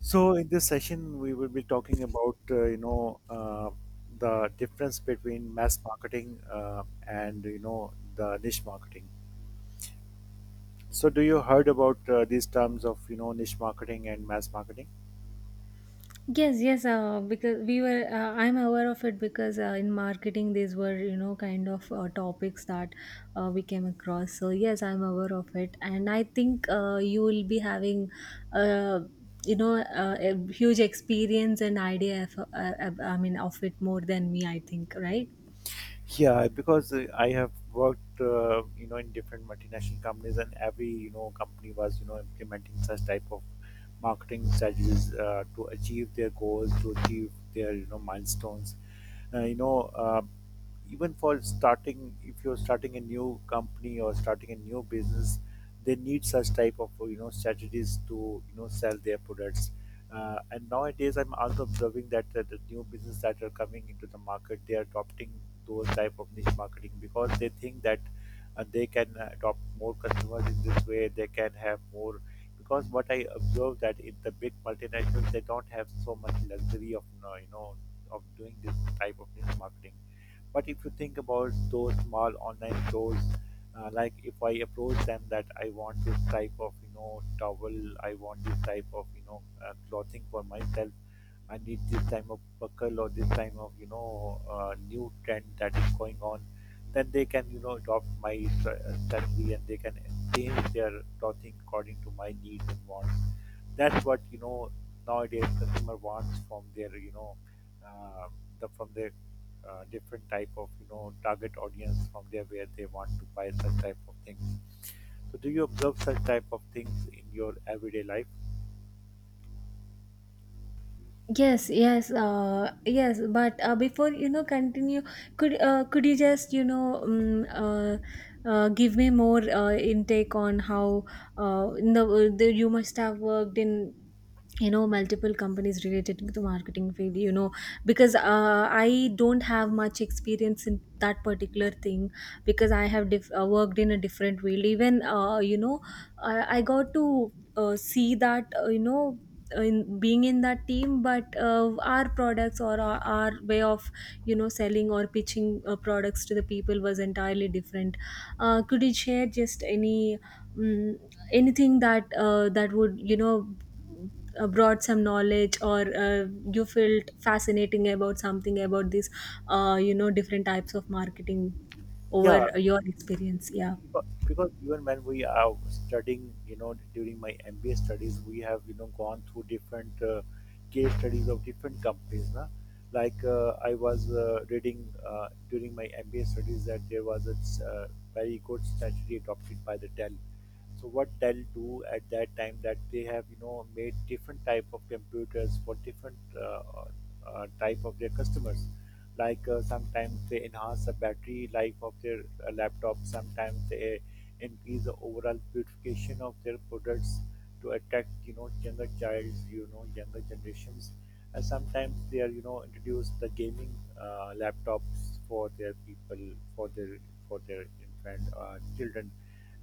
So in this session, we will be talking about the difference between mass marketing and the niche marketing. So do you heard about these terms of niche marketing and mass marketing? Yes, yes, because I'm aware of it because in marketing, these were, you know, kind of topics that we came across. So yes, I'm aware of it. And I think you will be having, uh, you know, a huge experience and idea of, I mean, of it more than me, I think, right? Yeah, because I have worked in different multinational companies, and every company was implementing such type of marketing strategies to achieve their goals, to achieve their milestones. uh, you know uh, Even for starting, if you're starting a new company or starting a new business, they need such type of strategies to sell their products, and nowadays I'm also observing that the new business that are coming into the market, they are adopting those type of niche marketing because they think that they can adopt more customers. In this way they can have more, because what I observe that in the big multinationals, they don't have so much luxury of of doing this type of digital marketing. But if you think about those small online stores, like if I approach them that I want this type of towel, I want this type of clothing for myself, I need this type of buckle or this type of new trend that is going on, then they can adopt my strategy and they can change their clothing according to my needs and wants. That's what nowadays customer wants from their you know uh, the from their different type of target audience, from there where they want to buy such type of things. So do you observe such type of things in your everyday life? Yes, yes, yes. But before you know, continue. Could you just you know give me more intake on how the you must have worked in you know multiple companies related to the marketing field, you know, because I don't have much experience in that particular thing because I have worked in a different field. Even you know, I got to see that you know, in being in that team, but our products or our way of you know selling or pitching products to the people was entirely different. Uh, could you share just any mm anything that that would you know brought some knowledge, or you felt fascinating about something about this you know different types of marketing over Yeah, your experience. Yeah. because even when we are studying, during my MBA studies, we have gone through different case studies of different companies, na? Like I was reading during my MBA studies that there was a uh, very good strategy adopted by the Dell. So what Dell do at that time, that they have made different type of computers for different type of their customers. Like sometimes they enhance the battery life of their laptop, sometimes they increase the overall purification of their products to attract younger childs, younger generations, and sometimes they are introduce the gaming laptops for their people, for their, for their infant children.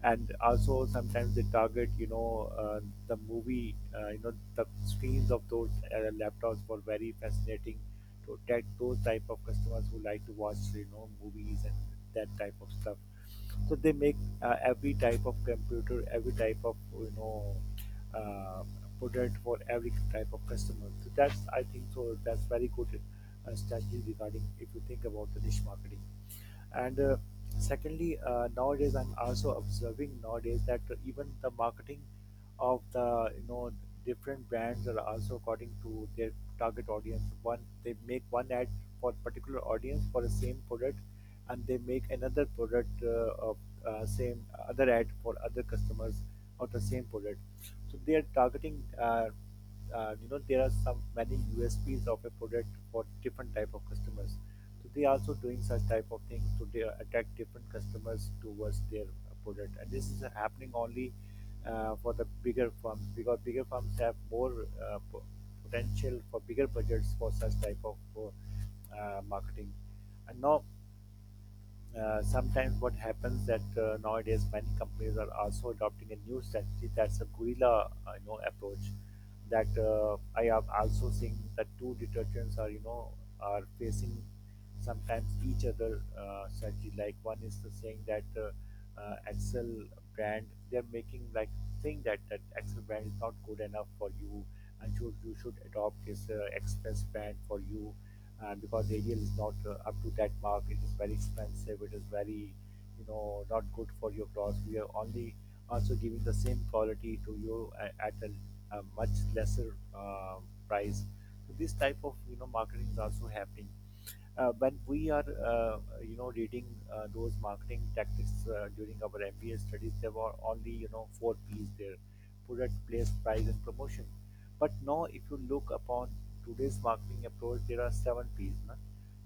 And also sometimes they target the movie, the screens of those laptops for very fascinating, to attract those type of customers who like to watch movies and that type of stuff. So they make every type of computer, every type of uh, product for every type of customer. So that's I think, so that's very good strategy regarding if you think about the niche marketing. And secondly, nowadays I'm also observing nowadays that even the marketing of the different brands are also according to their target audience. One, they make one ad for particular audience for the same product, and they make another product of same other ad for other customers of the same product. So they are targeting there are some many USPs of a product for different type of customers. So they are also doing such type of things to attract different customers towards their product. And this is happening only for the bigger firms, because bigger firms have more potential for bigger budgets for such type of marketing. And now sometimes what happens that nowadays many companies are also adopting a new strategy, that's a guerrilla, approach, that I have also seen that 2 detergents are are facing sometimes each other strategy. Like one is the saying that Excel brand, they're making like saying that that Excel brand is not good enough for you, and you should adopt this Express brand for you. And because ADL is not up to that mark, it is very expensive. It is very, you know, not good for your crops. We are only also giving the same quality to you at a much lesser price. So this type of marketing is also happening. When we are reading those marketing tactics during our MBA studies, there were only 4 P's there: product, place, price, and promotion. But now, if you look upon today's marketing approach, there are 7 P's, na?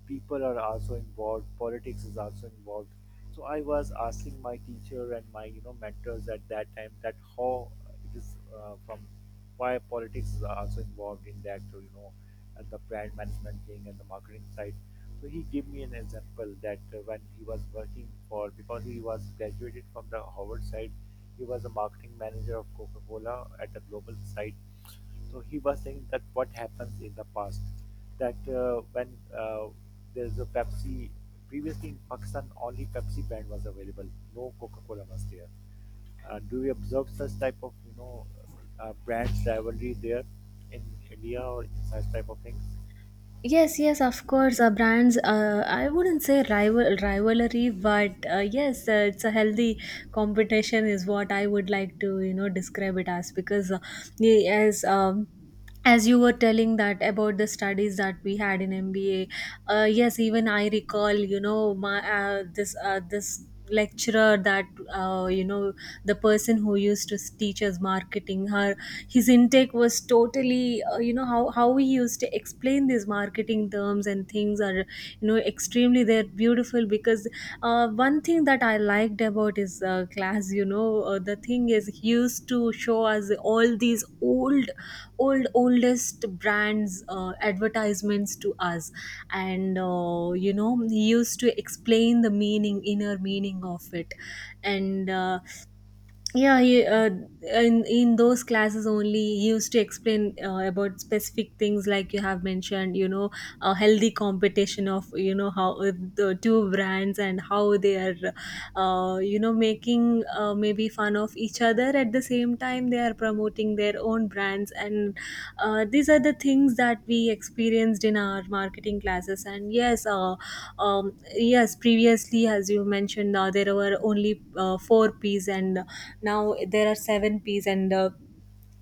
People are also involved. Politics is also involved. So I was asking my teacher and my mentors at that time that how it is, from why politics is also involved in that, and the brand management thing and the marketing side. So he gave me an example that when he was working for, because he was graduated from the Harvard side, he was a marketing manager of Coca-Cola at a global site. So he was saying that what happens in the past, that when there's a Pepsi, previously in Pakistan only Pepsi brand was available, no Coca-Cola was there. Do you observe such type of brand rivalry there in India or such type of things? Yes, yes, of course. Brands, I wouldn't say rivalry, but yes, it's a healthy competition is what I would like to, you know, describe it as, because yeah, as um, as you were telling that about the studies that we had in MBA, yes, even I recall, you know, my this lecturer that you know, the person who used to teach us marketing, her his intake was totally you know, how we used to explain these marketing terms and things are you know extremely, they're beautiful, because one thing that I liked about his class, you know, the thing is he used to show us all these old oldest brands advertisements to us, and you know, he used to explain the meaning, inner meaning, of it. And yeah he, uh, in in those classes only he used to explain about specific things like you have mentioned, you know, a healthy competition of you know how the two brands and how they are you know making maybe fun of each other, at the same time they are promoting their own brands. And these are the things that we experienced in our marketing classes. And yes, yes, previously, as you mentioned, there were only four p's and now there are seven p's, and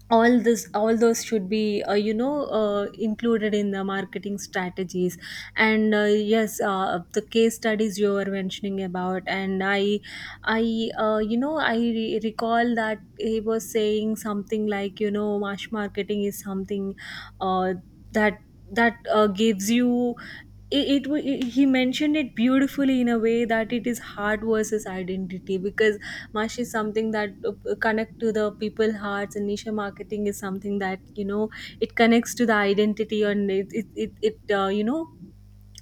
all this, all those should be you know, included in the marketing strategies. And yes, the case studies you were mentioning about, and I you know, I recall that he was saying something like you know mass marketing is something uh, that that gives you, he mentioned it beautifully in a way that it is heart versus identity, because mash is something that connect to the people hearts, and niche marketing is something that you know it connects to the identity, and it you know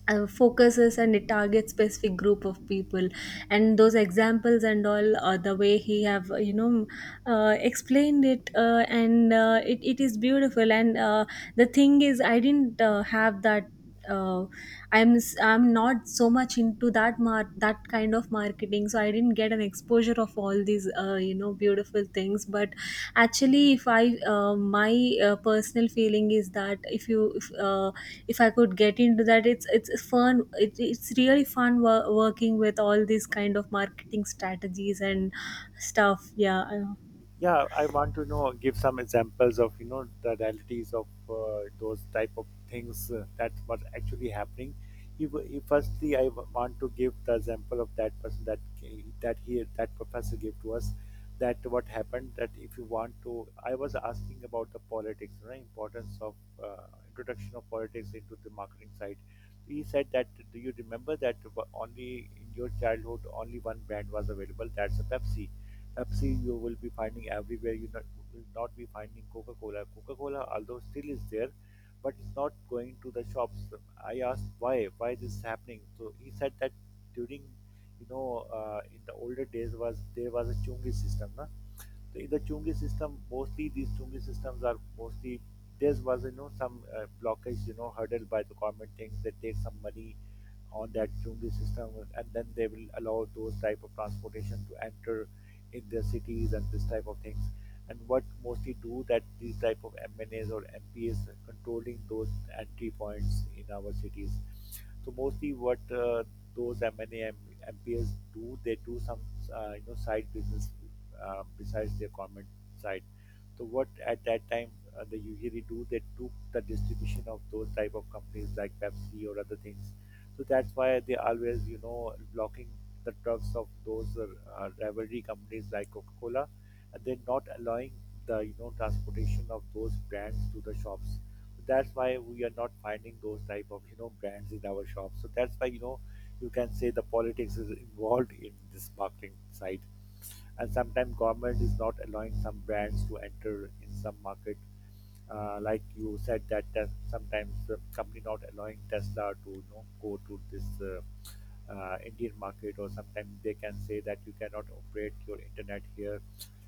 focuses and it targets specific group of people. And those examples and all, the way he have you know explained it, and it, it is beautiful. And the thing is I didn't have that uh, I'm not so much into that that kind of marketing, so I didn't get an exposure of all these you know beautiful things. But actually, if I my personal feeling is that if you if I could get into that, it's fun. It's really fun working with all these kind of marketing strategies and stuff. Yeah, uh, Yeah, I want to know, give some examples of the realities of those type of things that was actually happening. If firstly I want to give the example of that person that ca- that he that professor gave to us, that what happened that if you want to, I was asking about the politics, the importance of introduction of politics into the marketing side. He said that, do you remember that only in your childhood only one brand was available, that's a Pepsi. Pepsi you will be finding everywhere. You not, will not be finding Coca Cola. Coca Cola, although still is there, but it's not going to the shops. I asked why this is happening. So he said that during, you know, in the older days was, there was a chungi system, na? The Chungi system, mostly these Chungi systems are mostly, there was some blockage, hurdle by the government things. They take some money on that Chungi system and then they will allow those type of transportation to enter in their cities and this type of things. And what mostly do that these type of MNAs or MPs controlling those entry points in our cities. So mostly what those MPs do, they do some side business besides their government side. So what at that time they usually do, they took the distribution of those type of companies like Pepsi or other things. So that's why they always blocking the trucks of those rivalry companies like Coca Cola, and they're not allowing the transportation of those brands to the shops. That's why we are not finding those type of brands in our shop. So that's why, you know, you can say the politics is involved in this marketing side. And sometimes government is not allowing some brands to enter in some market, like you said that, sometimes the company not allowing Tesla to go to this Indian market, or sometimes they can say that you cannot operate your internet here.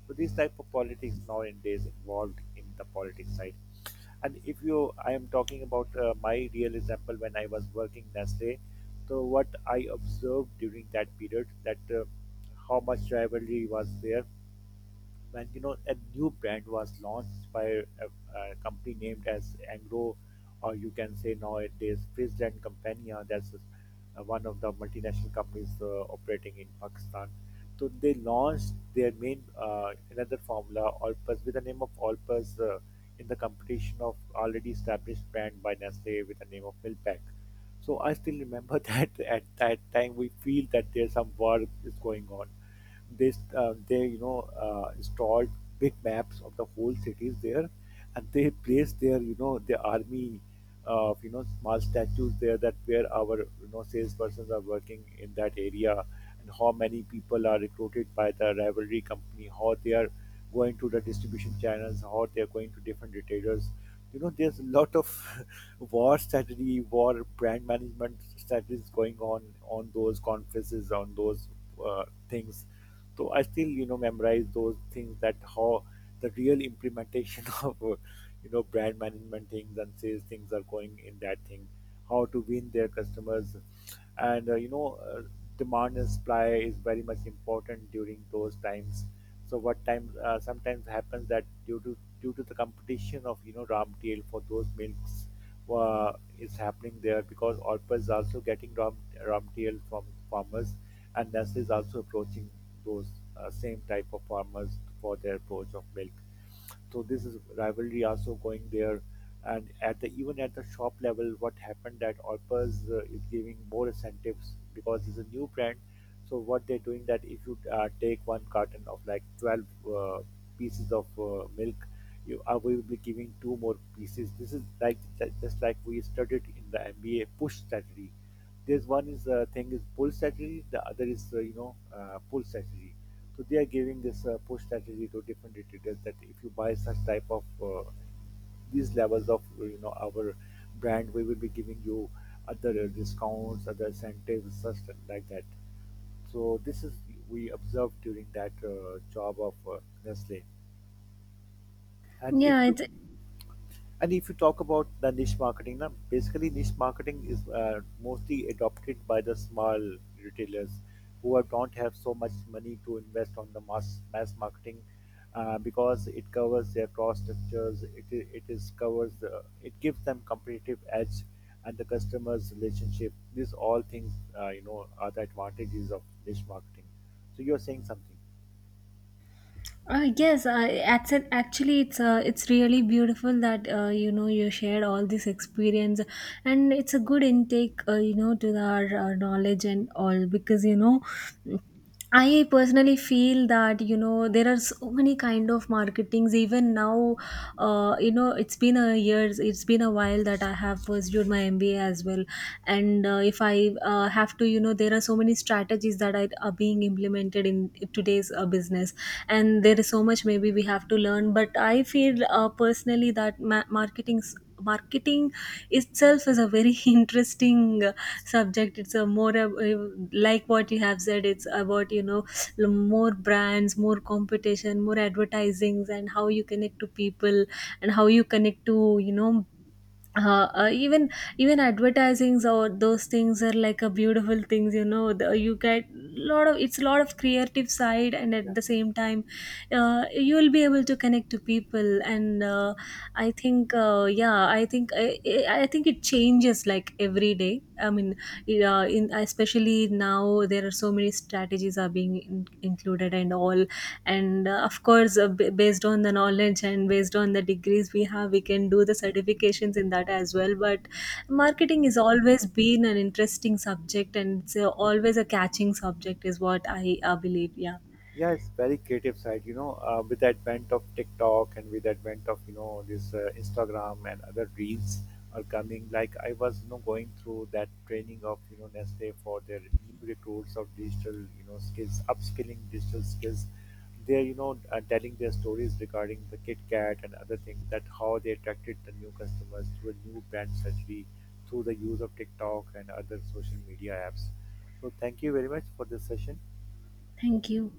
So these type of politics nowadays involved in the politics side. And if you, I am talking about my real example when I was working Nestle. So what I observed during that period that how much rivalry was there when a new brand was launched by a company named as Angro, or you can say nowadays Frizz and Compania. That's one of the multinational companies operating in Pakistan. So they launched their main another formula Olpus with the name of Olpus in the competition of already established brand by Nestle with the name of Milpack. So I still remember that at that time we feel that there's some work is going on. This they installed big maps of the whole cities there, and they placed their the army of small statues there, that where our salespersons are working in that area, and how many people are recruited by the rivalry company, how they are going to the distribution channels or they're going to different retailers. You know, there's a lot of war strategy, war brand management strategies going on those conferences, on those things. So I still, you know, memorize those things, that how the real implementation of, you know, brand management things and sales things are going in that thing, how to win their customers, and demand and supply is very much important during those times. So what time sometimes happens, that due to the competition of raw material for those milks uh, is happening there, because Orpa is also getting raw material from farmers, and Nestle is also approaching those same type of farmers for their approach of milk. So this is rivalry also going there, and at the even at the shop level, what happened that Orpus is giving more incentives because it's a new brand. So what they're doing, that if you take one carton of like 12 uh, pieces of milk, you are we will be giving 2 more pieces. This is like just like we studied in the MBA push strategy. There's one is thing is pull strategy, the other is pull strategy. So they are giving this push strategy to different retailers, that if you buy such type of these levels of our brand, we will be giving you other discounts, other incentives, such like that. So this is we observed during that job of Nestle. And if yeah. you It's and if you talk about the niche marketing, now basically niche marketing is mostly adopted by the small retailers who don't have so much money to invest on the mass marketing, because it covers their cost structures. It is covers it gives them competitive edge and the customers relationship. These all things are the advantages of niche marketing. So you're saying something. Yes. I that's it. Actually, it's really beautiful that you know you shared all this experience, and it's a good intake. You know, to our knowledge and all, because you know I personally feel that you know there are so many kind of marketings even now. You know, it's been a years, it's been a while that I have pursued my MBA as well. And if I have to you know, there are so many strategies that are being implemented in today's business, and there is so much maybe we have to learn. But I feel personally that marketing itself is a very interesting subject. It's a more like what you have said, it's about you know l- more brands, more competition, more advertisings, and how you connect to people, and how you connect to you know even even advertisings or those things are like a beautiful things, you know, you get lot of, it's a lot of creative side, and at the same time you will be able to connect to people. And I think yeah, I think I think it changes like every day. I mean, yeah, in especially now there are so many strategies are being included and all. And of course, based on the knowledge and based on the degrees we have, we can do the certifications in that as well. But marketing is always been an interesting subject, and it's always a catching subject, is what I believe. Yeah. Yeah, it's very creative side, you know, with the advent of TikTok and with the advent of this Instagram and other reels are coming. Like I was going through that training of Nestle for their new recruits of digital, skills, upskilling digital skills. They're telling their stories regarding the KitKat and other things, that how they attracted the new customers through a new brand strategy through the use of TikTok and other social media apps. So thank you very much for this session. Thank you.